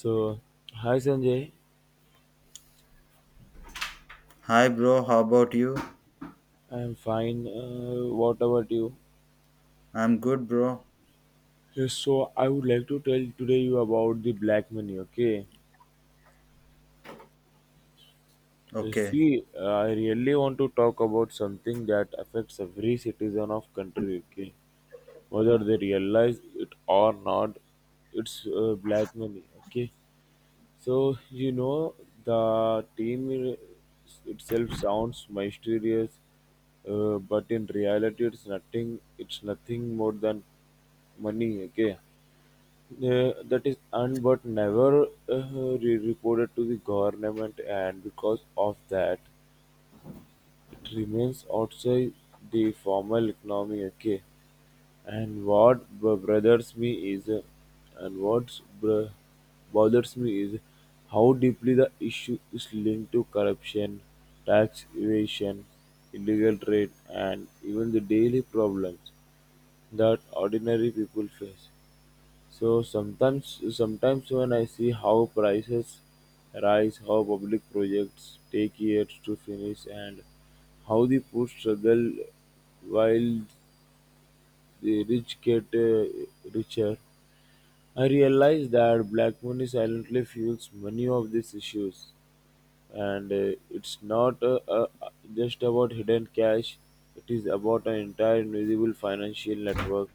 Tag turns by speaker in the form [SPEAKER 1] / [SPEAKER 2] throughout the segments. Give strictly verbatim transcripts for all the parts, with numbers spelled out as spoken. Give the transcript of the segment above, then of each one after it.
[SPEAKER 1] So, hi Sanjay,
[SPEAKER 2] Hi, bro. How about you?
[SPEAKER 1] I am fine. Uh, what about you?
[SPEAKER 2] I'm good, bro.
[SPEAKER 1] Yes, so I would like to tell today you about the black money. Okay. Uh,
[SPEAKER 2] Okay.
[SPEAKER 1] see, uh, I really want to talk about something that affects every citizen of country. Okay, whether they realize it or not, it's uh, black money. Okay. So, you know, the team i- itself sounds mysterious, uh, but in reality, it's nothing. It's nothing more than money. Okay, uh, that is earned but never uh, re- reported to the government, and because of that. It remains outside the formal economy. Okay, and what b- bothers me is uh, and what b- bothers me is how deeply the issue is linked to corruption, tax evasion, illegal trade, and even the daily problems that ordinary people face. So sometimes, sometimes when I see how prices rise, how public projects take years to finish, and how the poor struggle while the rich get uh, richer, I realize that black money silently fuels many of these issues. And uh, it's not uh, uh, just about hidden cash, it is about an entire invisible financial network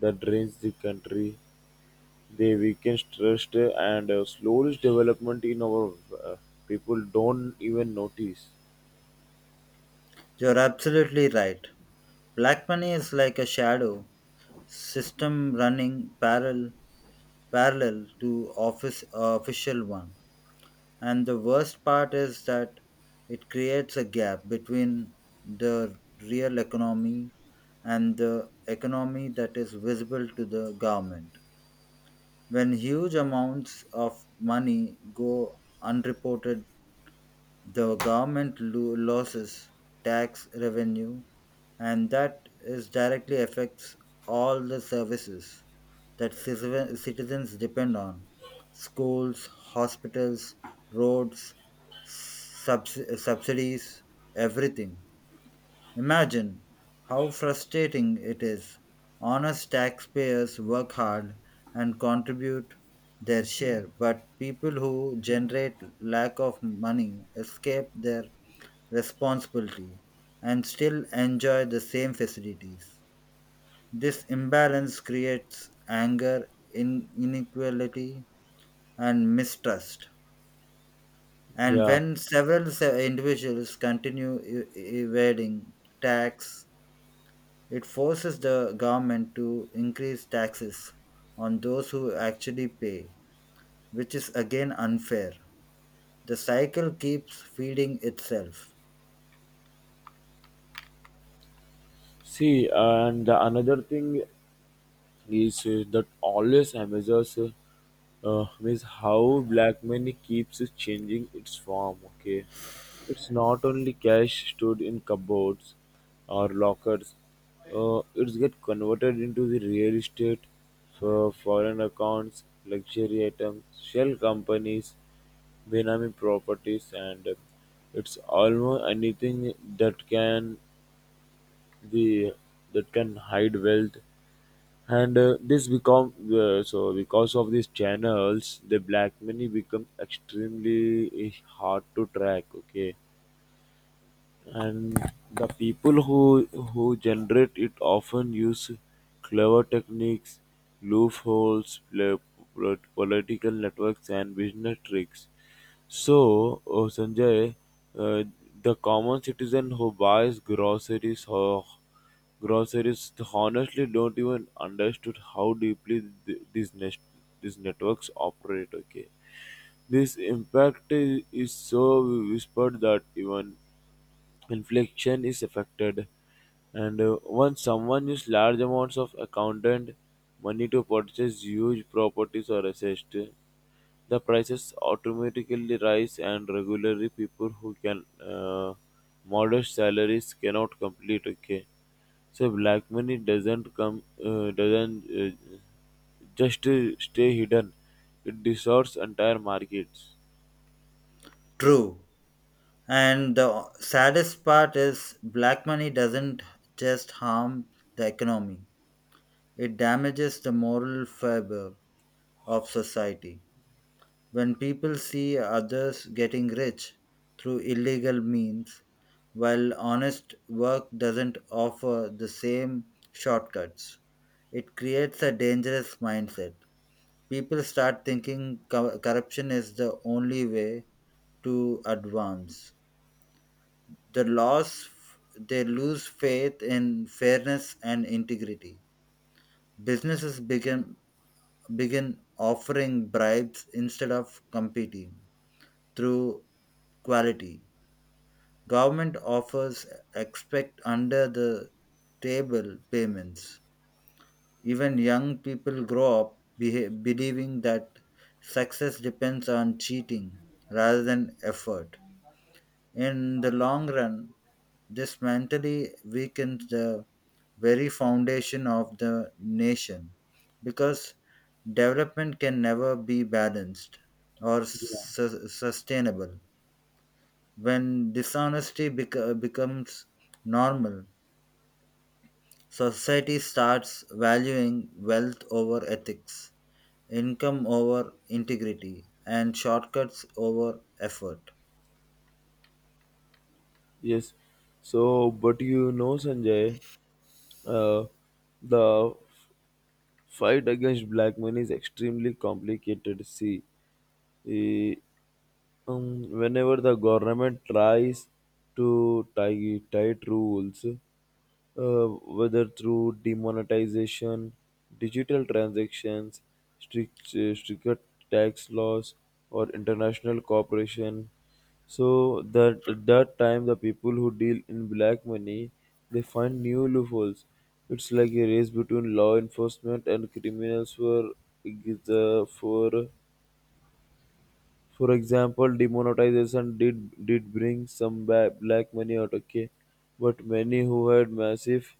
[SPEAKER 1] that drains the country, they weaken trust and uh, slows development in our uh, people don't even notice.
[SPEAKER 2] You're absolutely right. Black money is like a shadow system running parallel parallel to office official one. And the worst part is that it creates a gap between the real economy and the economy that is visible to the government. When huge amounts of money go unreported, the government lo- loses tax revenue, and that is directly affects all the services that citizen- citizens depend on schools, hospitals, roads, subs- subsidies, everything. Imagine how frustrating it is. Honest taxpayers work hard and contribute their share, but people who generate lack of money escape their responsibility and still enjoy the same facilities. This imbalance creates anger, in- inequality, and mistrust. And
[SPEAKER 1] Yeah.
[SPEAKER 2] when several se- individuals continue e- e- evading tax, it forces the government to increase taxes on those who actually pay, which is again unfair. The cycle keeps feeding itself.
[SPEAKER 1] See, uh, and the another thing is uh, that always amazes us. Uh, means how black money keeps changing its form. Okay, it's not only cash stored in cupboards or lockers. Uh, it's get converted into the real estate for foreign accounts, luxury items, shell companies, Benami properties, and uh, it's almost anything that can the that can hide wealth, and uh, this become uh, so because of these channels the black money become extremely hard to track. Okay, and the people who who generate it often use clever techniques, loopholes, pl- pl- political networks, and business tricks. So, oh, Sanjay, uh, the common citizen who buys groceries ho- groceries honestly don't even understood how deeply th- these net- these networks operate. Okay, this impact is, is so whispered that even inflation is affected. And uh, once someone uses large amounts of accountant money to purchase huge properties or assets, the prices automatically rise, and regularly people who can uh, modest salaries cannot complete. Okay, so black money doesn't come uh, doesn't uh, just uh, stay hidden; it distorts entire markets.
[SPEAKER 2] True. And the saddest part is black money doesn't just harm the economy, it damages the moral fiber of society. When people see others getting rich through illegal means, while honest work doesn't offer the same shortcuts, it creates a dangerous mindset. People start thinking co- corruption is the only way to advance. The loss, they lose faith in fairness and integrity. Businesses begin begin offering bribes instead of competing through quality. Government offers expect under the table payments. Even young people grow up beha- believing that success depends on cheating rather than effort. In the long run, this mentally weakens the very foundation of the nation because development can never be balanced or su- sustainable. When dishonesty bec- becomes normal, society starts valuing wealth over ethics, income over integrity, and shortcuts over effort.
[SPEAKER 1] Yes. So, but you know, Sanjay. Uh, the fight against black money is extremely complicated. See, eh, um, whenever the government tries to tie tight rules, uh, whether through demonetization, digital transactions, strict, uh, stricter tax laws, or international cooperation, so that that time the people who deal in black money they find new loopholes. It's like a race between law enforcement and criminals for the for for example, demonetization did did bring some ba- black money out. Okay, but many who had massive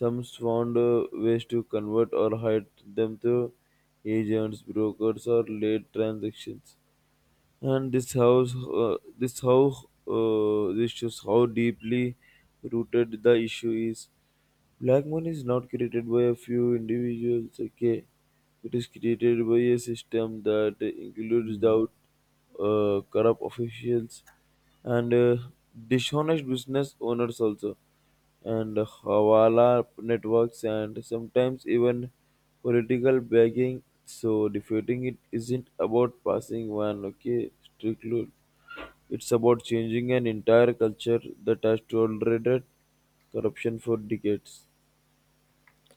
[SPEAKER 1] sums found uh, ways to convert or hide them through agents, brokers, or late transactions. And this house, uh, this how uh, this shows how deeply rooted the issue is. Black money is not created by a few individuals, okay? It is created by a system that includes
[SPEAKER 2] Mm.
[SPEAKER 1] doubt, uh, corrupt officials, and uh, dishonest business owners also, and hawala networks, and sometimes even political begging. So defeating it isn't about passing one, okay, strict rule. It's about changing an entire culture that has tolerated corruption for decades.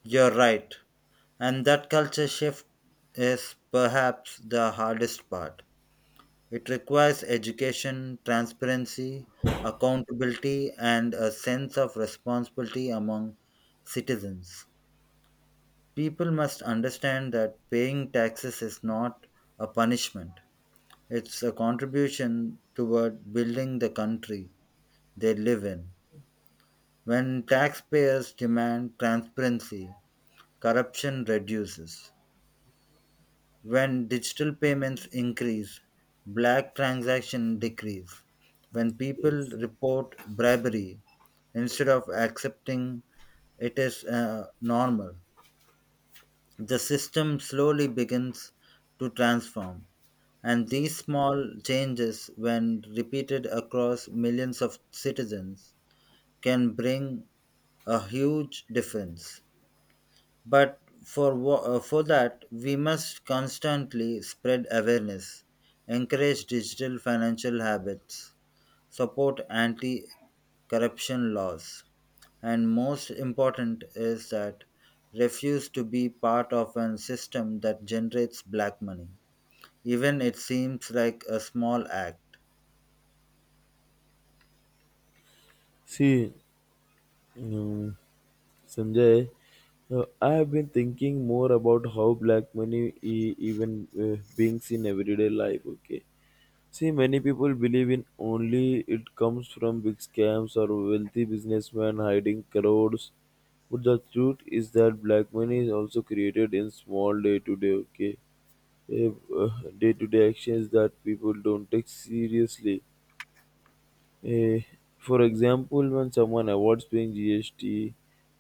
[SPEAKER 2] You're right. And that culture shift is perhaps the hardest part. It requires education, transparency, accountability, and a sense of responsibility among citizens. People must understand that paying taxes is not a punishment, it's a contribution toward building the country they live in. When taxpayers demand transparency, corruption reduces. When digital payments increase, black transactions decrease. When people
[SPEAKER 1] Yes.
[SPEAKER 2] report bribery instead of accepting it is uh, normal, the system slowly begins to transform. And these small changes, when repeated across millions of citizens, can bring a huge difference. But for, wha- uh, for that, we must constantly spread awareness, encourage digital financial habits, support anti corruption laws, and most important is that refuse to be part of an system that generates black money, even it seems like a small act.
[SPEAKER 1] See, um, Sanjay, uh, I have been thinking more about how black money e- even uh, being in everyday life. Okay. See, many people believe in only it comes from big scams or wealthy businessmen hiding crores. But the truth is that black money is also created in small day to day, okay? Day to day actions that people don't take seriously. Eh, for example, when someone avoids paying G S T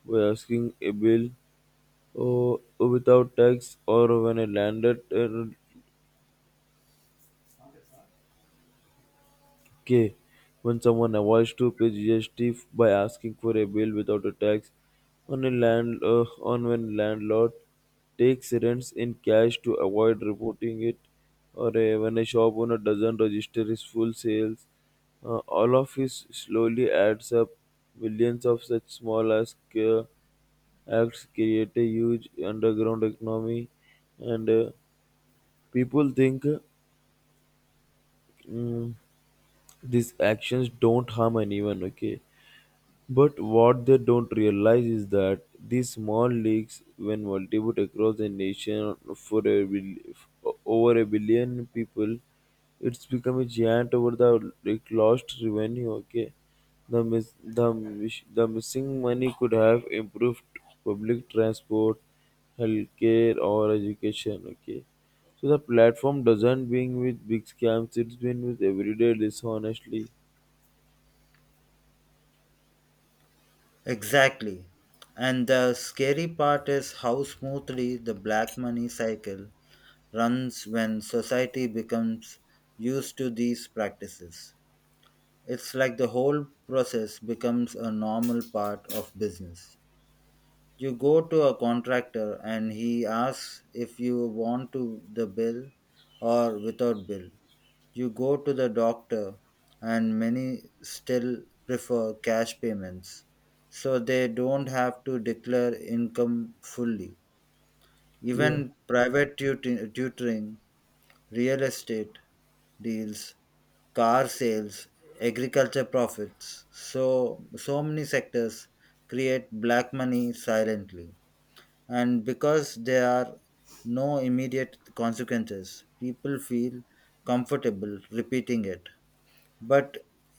[SPEAKER 1] by asking a bill or without tax, or when a landed uh, K, when someone avoids to pay G S T by asking for a bill without a tax, on a land uh, on when landlord takes rents in cash to avoid reporting it, or uh, when a shop owner doesn't register his full sales, uh, all of this slowly adds up. Millions of such small as uh, acts create a huge underground economy, and uh, people think mm, these actions don't harm anyone. Okay, but what they don't realize is that these small leagues, when multiplied across the nation for a bil- over a billion people, it's become a giant over the like, lost revenue. Okay, the miss, the miss- the missing money could have improved public transport, healthcare, or education. Okay, so the platform doesn't being with big scams; it's been with everyday dishonestly.
[SPEAKER 2] Exactly. And the scary part is how smoothly the black money cycle runs when society becomes used to these practices. It's like the whole process becomes a normal part of business. You go to a contractor and he asks if you want to the bill or without bill. You go to the doctor, and many still prefer cash payments so they don't have to declare income fully. Even
[SPEAKER 1] Yeah.
[SPEAKER 2] private tut- tutoring, real estate deals, car sales, agriculture profits, so so many sectors create black money silently. And because there are no immediate consequences, people feel comfortable repeating it. But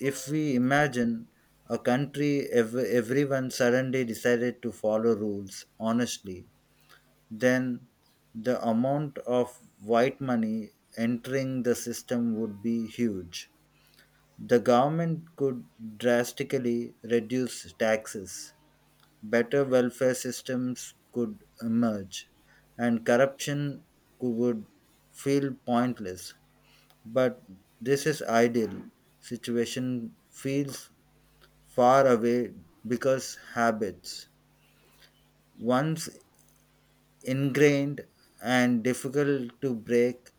[SPEAKER 2] if we imagine a country ev- everyone suddenly decided to follow rules honestly, then the amount of white money entering the system would be huge. The government could drastically reduce taxes, better welfare systems could emerge, and corruption cou- would feel pointless. But this is ideal situation feels far away because habits, once ingrained and difficult to break,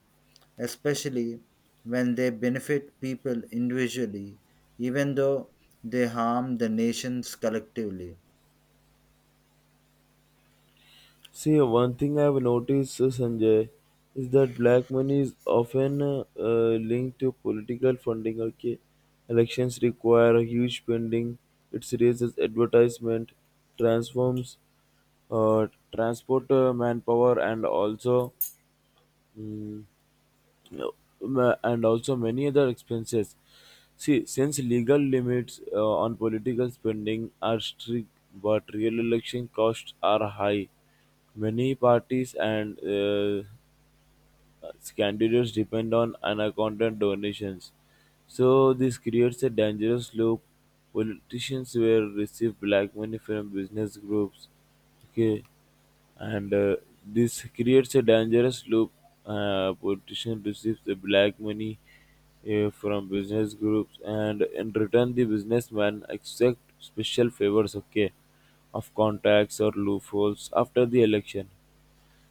[SPEAKER 2] especially when they benefit people individually, even though they harm the nations collectively.
[SPEAKER 1] See, one thing I've noticed, uh, Sanjay, is that black money is often uh, uh, linked to political funding. Okay, elections require a huge spending. It raises advertisement, transforms, uh, transport, uh, manpower, and also. Mm, no. ma- And also many other expenses. See, since legal limits uh, on political spending are strict, but real election costs are high, many parties and uh, Scandinavians depend on unaccounted donations. So this creates a dangerous loop. Politicians will receive black money from business groups. Okay, and uh, this creates a dangerous loop. Uh, politician receives the black money uh, from business groups, and in return, the businessman accepts special favors. Okay, of contacts or loopholes after the election.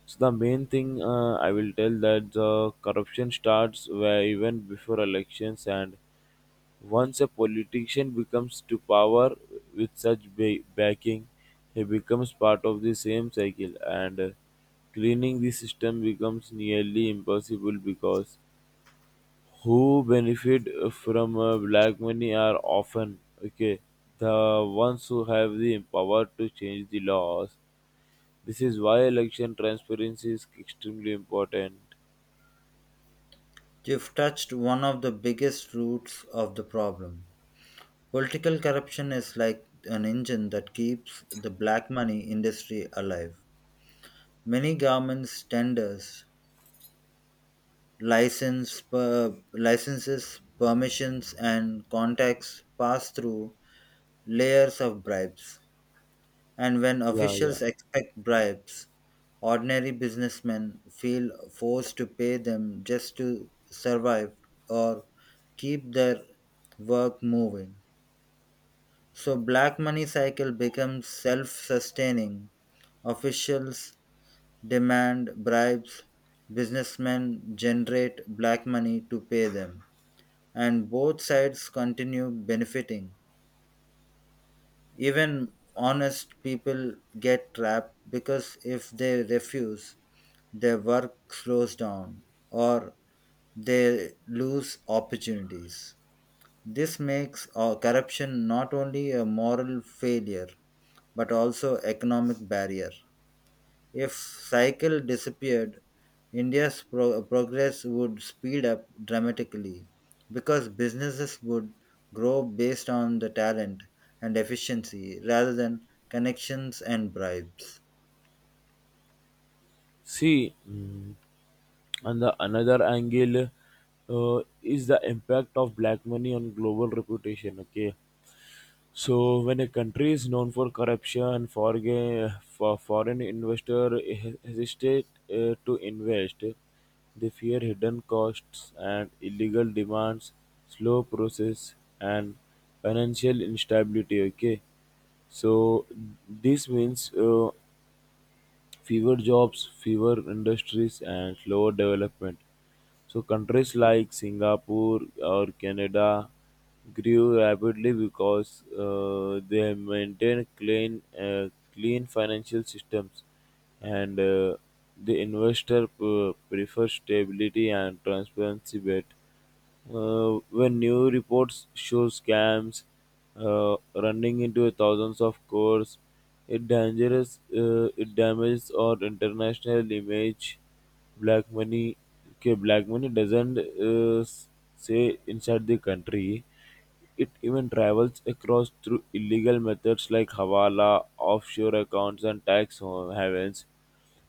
[SPEAKER 1] So the main thing uh, I will tell that the corruption starts where even before elections, and once a politician becomes to power with such ba- backing, he becomes part of the same cycle, and uh, cleaning the system becomes nearly impossible because who benefit from uh, black money are often okay the ones who have the power to change the laws. This is why election transparency is extremely important.
[SPEAKER 2] You've touched one of the biggest roots of the problem. Political corruption is like an engine that keeps the black money industry alive. Many governments, tenders, license per, licenses permissions and contacts pass through layers of bribes and when
[SPEAKER 1] Yeah, yeah.
[SPEAKER 2] officials expect bribes ordinary businessmen feel forced to pay them just to survive or keep their work moving so black money cycle becomes self-sustaining officials demand bribes businessmen generate black money to pay them and both sides continue benefiting. Even honest people get trapped because if they refuse, their work slows down or they lose opportunities. This makes uh, corruption not only a moral failure but also economic barrier. If cycle disappeared, India's pro- progress would speed up dramatically because businesses would grow based on the talent and efficiency rather than connections and bribes.
[SPEAKER 1] See, mm, and the another angle uh, is the impact of black money on global reputation. Okay, so, when a country is known for corruption, forga- for foreign investor he- hesitate uh, to invest. They fear hidden costs and illegal demands, slow process, and financial instability. Okay, so this means uh, fewer jobs, fewer industries, and slower development. So countries like Singapore or Canada grew rapidly because uh, they maintain clean, uh, clean financial systems, and uh, the investor p- prefers stability and transparency. Bet. Uh, when new reports show scams uh, running into thousands of crores, it dangerous. Uh, it damages our international image. Black money. Okay, black money doesn't uh, s- say inside the country. It even travels across through illegal methods like hawala, offshore accounts, and tax havens.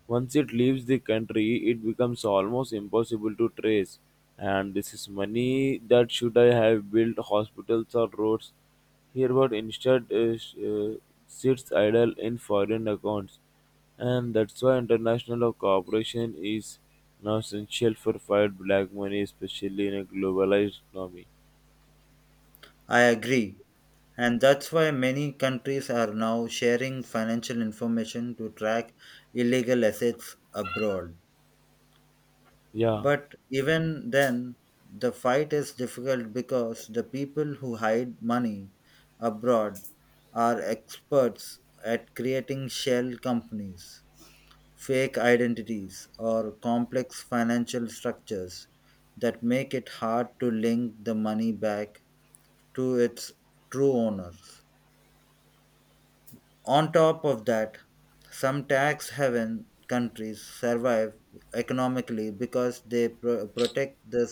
[SPEAKER 1] Once it leaves the country, it becomes almost impossible to trace. And this is money that should I have built hospitals or roads here, but instead uh, sh- uh, sits idle in foreign accounts. And that's why international cooperation is now essential for fight black money, especially in a globalized economy.
[SPEAKER 2] I agree. And that's why many countries are now sharing financial information to track illegal assets abroad.
[SPEAKER 1] Yeah.
[SPEAKER 2] But even then, the fight is difficult because the people who hide money abroad are experts at creating shell companies, fake identities, or complex financial structures that make it hard to link the money back to its true owners. On top of that, some tax haven countries survive economically because they pro- protect the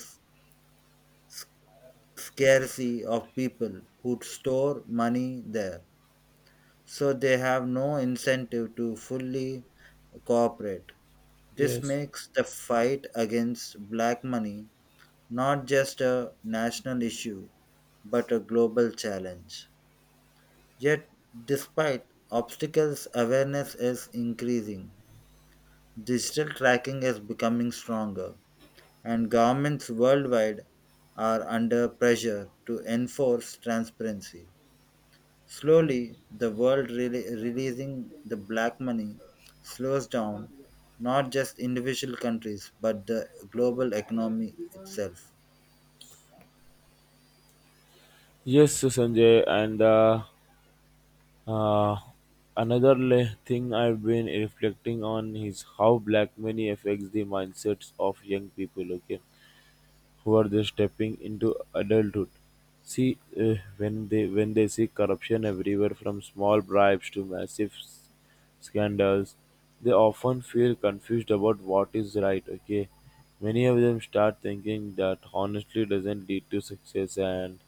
[SPEAKER 2] scarcity of people who store money there, so they have no incentive to fully cooperate. This
[SPEAKER 1] Yes.
[SPEAKER 2] makes the fight against black money not just a national issue but a global challenge. Yet, despite obstacles, awareness is increasing. Digital tracking is becoming stronger, and governments worldwide are under pressure to enforce transparency. Slowly, the world rele releasing the black money slows down not just individual countries but the global economy itself.
[SPEAKER 1] Yes, Sanjay, and. Uh, Uh, another le- thing I've been reflecting on is how black money affects the mindsets of young people. Okay, who are just stepping into adulthood. See, uh, when they when they see corruption everywhere, from small bribes to massive s- scandals, they often feel confused about what is right. Okay, many of them start thinking that honestly doesn't lead to success and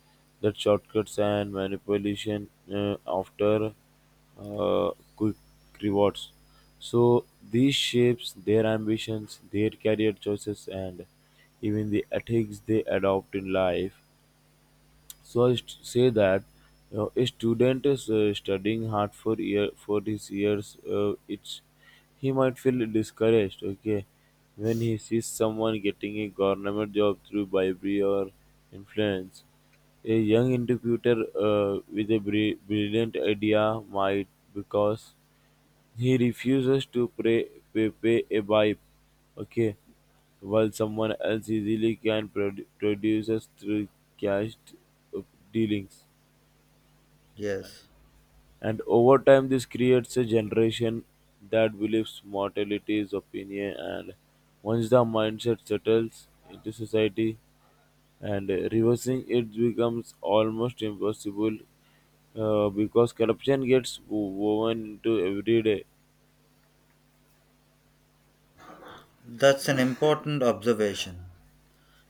[SPEAKER 1] that shortcuts and manipulation uh, after uh, quick rewards. So this shapes their ambitions, their career choices, and even the ethics they adopt in life. So I st- say that you know, a student is uh, studying hard for year for his years. Uh, it's He might feel discouraged. Okay, when he sees someone getting a government job through bribery or influence, a young entrepreneur uh, with a bri- brilliant idea might because he refuses to pray, pay, pay a bribe, okay, while someone else easily can produ- produces through cash uh, dealings.
[SPEAKER 2] Yes,
[SPEAKER 1] And over time, this creates a generation that believes mortality is opinion. And once the mindset settles into society, and uh, reversing it becomes almost impossible uh, because corruption gets wo- woven into everyday.
[SPEAKER 2] that's an important observation.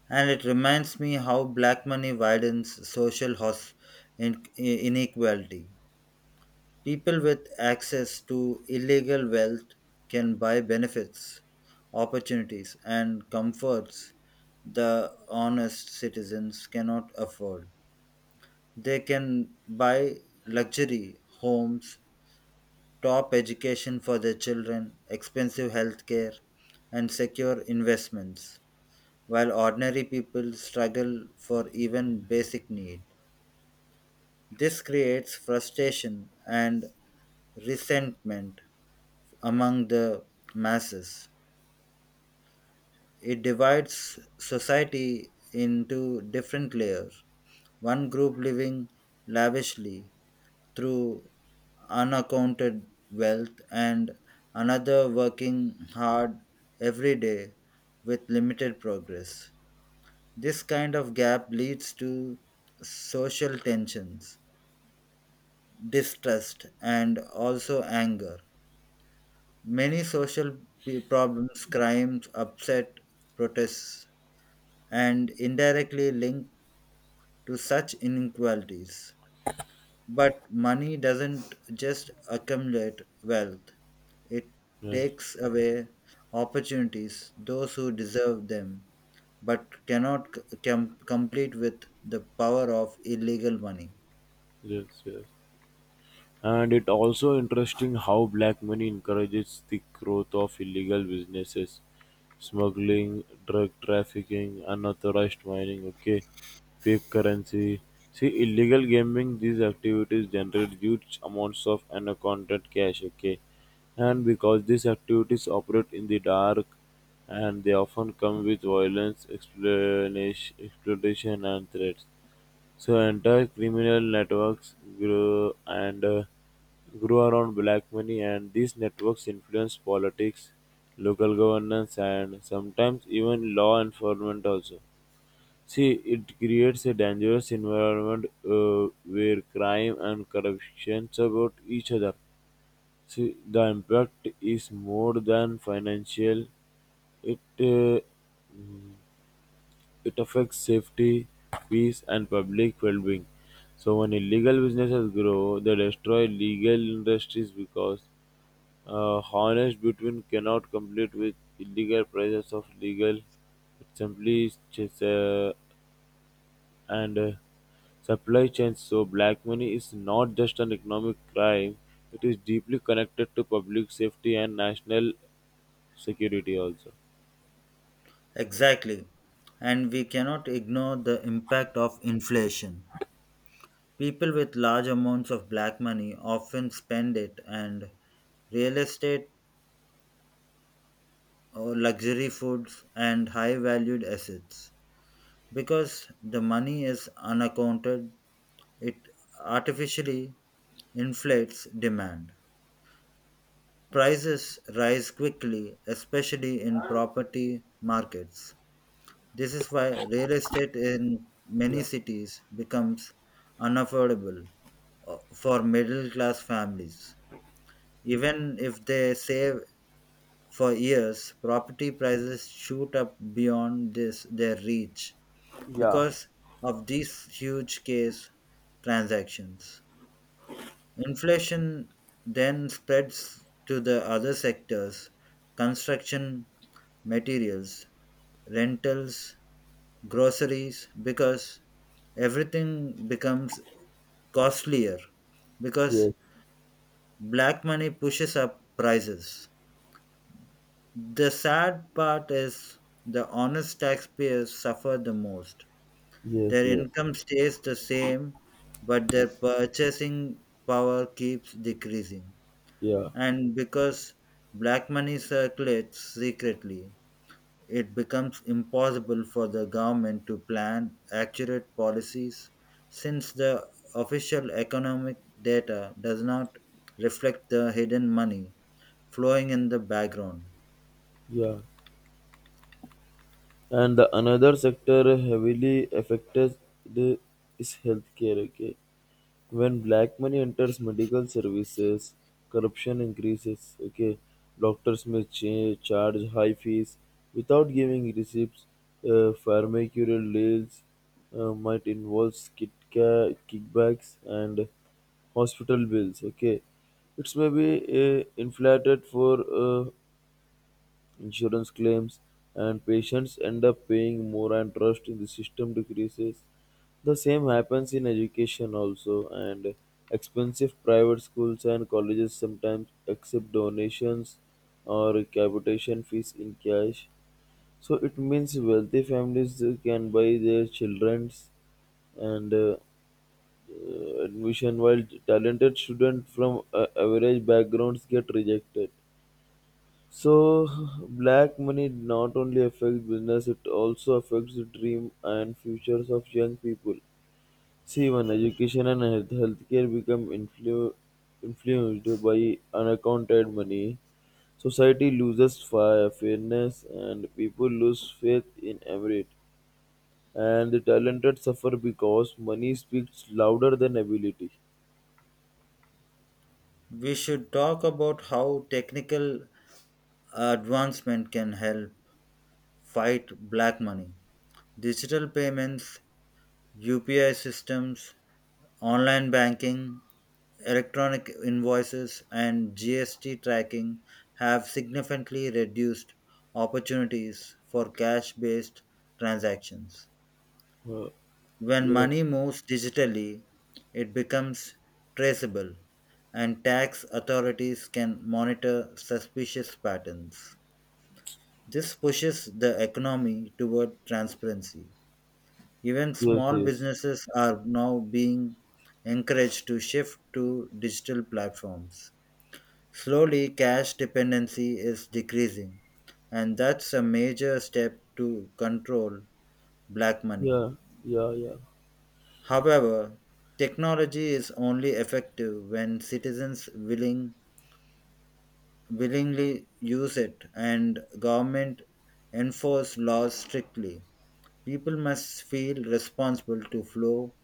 [SPEAKER 2] And it reminds me how black money widens social hos- in- inequality. People with access to illegal wealth can buy benefits, opportunities, and comforts the honest citizens cannot afford. They can buy luxury homes, top education for their children, expensive healthcare, and secure investments, while ordinary people struggle for even basic need. This creates frustration and resentment among the masses. It divides society into different layers. One group living lavishly through unaccounted wealth, and another working hard every day with limited progress. This kind of gap leads to social tensions, distrust, and also anger. Many social p- problems, crimes, upset, protests, and indirectly linked to such inequalities. But money doesn't just accumulate wealth, it
[SPEAKER 1] Yes,
[SPEAKER 2] takes away opportunities those who deserve them but cannot c- com- complete with the power of illegal money.
[SPEAKER 1] yes, yes. And it also interesting how black money encourages the growth of illegal businesses, smuggling, drug trafficking, unauthorized mining, okay, fake currency. See, illegal gambling, these activities generate huge amounts of unaccounted cash, okay. And because these activities operate in the dark, and they often come with violence, explanation, exploitation, and threats. So entire criminal networks grew and uh, grew around black money, and these networks influence politics, local governance, and sometimes even law enforcement also. See, it creates a dangerous environment uh, where crime and corruption support each other. See, the impact is more than financial; it uh, it affects safety, peace, and public well-being. So when illegal businesses grow, they destroy legal industries because uh, honest between cannot compete with illegal prices of legal. It simply just, uh, and uh, supply chains. So black money is not just an economic crime; it is deeply connected to public safety and national security also.
[SPEAKER 2] Exactly, and we cannot ignore the impact of inflation. People with large amounts of black money often spend it and real estate or luxury foods and high valued assets. Because the money is unaccounted, it artificially inflates demand. Prices rise quickly, especially in property markets. This is why real estate in many cities becomes unaffordable uh, for middle class families. Even if they save for years, property prices shoot up beyond this, their reach
[SPEAKER 1] Yeah.
[SPEAKER 2] because of these huge case transactions. Inflation then spreads to the other sectors construction materials, rentals, groceries, because everything becomes costlier because
[SPEAKER 1] Yes,
[SPEAKER 2] black money pushes up prices. The sad part is the honest taxpayers suffer the most.
[SPEAKER 1] yes,
[SPEAKER 2] Their
[SPEAKER 1] yes.
[SPEAKER 2] income stays the same, but their purchasing power keeps decreasing.
[SPEAKER 1] Yeah,
[SPEAKER 2] And because black money circulates secretly, it becomes impossible for the government to plan accurate policies since the official economic data does not reflect the hidden money flowing in the background.
[SPEAKER 1] yeah. And the another sector heavily affected is healthcare. Okay, when black money enters medical services, corruption increases. Okay, doctors may cha- charge high fees without giving receipts. Uh, pharmaceutical deals uh, might involve kit ca- kickbacks and hospital bills. Okay, it's maybe uh, inflated for uh, insurance claims, and patients end up paying more, and trust in the system decreases. The same happens in education also, and expensive private schools and colleges sometimes accept donations or capitation fees in cash. So it means wealthy families uh, can buy their children's and uh, uh, admission, while talented students from uh, average backgrounds get rejected. So, black money not only affects business, it also affects the dream and futures of young people. See, when education and health healthcare become influ- influenced by unaccounted money, society loses fi- fairness and people lose faith in merit. And the talented suffer because money speaks louder than ability.
[SPEAKER 2] We should talk about how technical advancement can help fight black money. Digital payments, U P I systems, online banking, electronic invoices, and G S T tracking have significantly reduced opportunities for cash based transactions.
[SPEAKER 1] Uh,
[SPEAKER 2] When
[SPEAKER 1] yes,
[SPEAKER 2] money moves digitally, it becomes traceable, and tax authorities can monitor suspicious patterns. This pushes the economy toward transparency. Even
[SPEAKER 1] yes,
[SPEAKER 2] small
[SPEAKER 1] yes.
[SPEAKER 2] businesses are now being encouraged to shift to digital platforms. Slowly, cash dependency is decreasing, and that's a major step to control black money.
[SPEAKER 1] Yeah, yeah, yeah.
[SPEAKER 2] However, technology is only effective when citizens willing, willingly use it and government enforce laws strictly. People must feel responsible to follow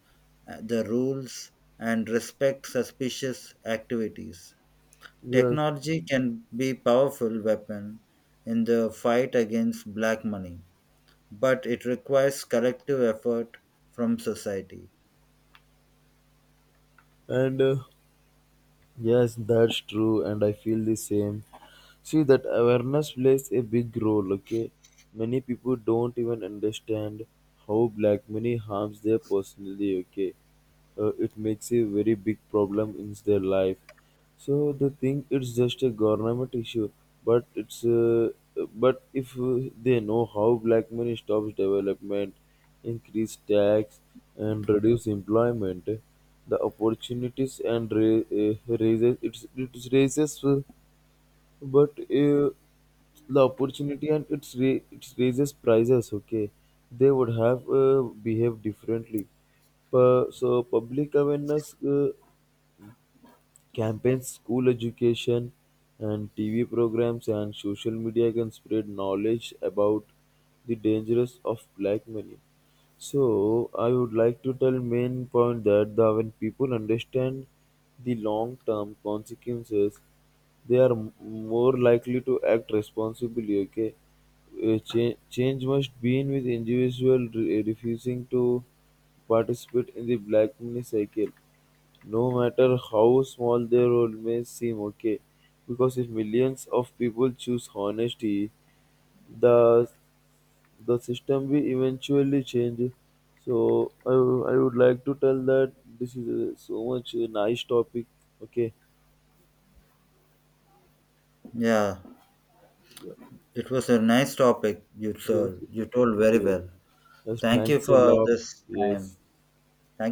[SPEAKER 2] uh, the rules and respect suspicious activities.
[SPEAKER 1] Yes.
[SPEAKER 2] Technology can be a powerful weapon in the fight against black money, but it requires collective effort from society.
[SPEAKER 1] And uh, Yes, that's true, and I feel the same. See, that awareness plays a big role, okay? Many people don't even understand how black money harms their personally, okay? Uh, it makes a very big problem in their life. So they think it's just a government issue, but it's uh, but if uh, they know how black money stops development, increase tax, and reduce employment, the opportunities and ra- eh, raises it's, it raises uh, but uh, the opportunity and it's ra- it raises prices. Okay, they would have uh, behaved differently. Pu- so public awareness uh, campaigns, school education and T V programs and social media can spread knowledge about the dangers of black money. So I would like to tell main point that the, when people understand the long term consequences, they are m- more likely to act responsibly. Okay, Uh, cha- change must be in with individual re- refusing to participate in the black money cycle. No matter how small their role may seem okay, because if millions of people choose honesty, the the system will eventually change. So I, w- I would like to tell that this is a, so much a nice topic. Okay.
[SPEAKER 2] Yeah.
[SPEAKER 1] Yeah.
[SPEAKER 2] It was a nice topic you
[SPEAKER 1] Yes.
[SPEAKER 2] told. You told very
[SPEAKER 1] Yes.
[SPEAKER 2] well.
[SPEAKER 1] Yes,
[SPEAKER 2] Thank you
[SPEAKER 1] thanks a
[SPEAKER 2] for
[SPEAKER 1] lot.
[SPEAKER 2] this time.
[SPEAKER 1] Yes.
[SPEAKER 2] Thank you.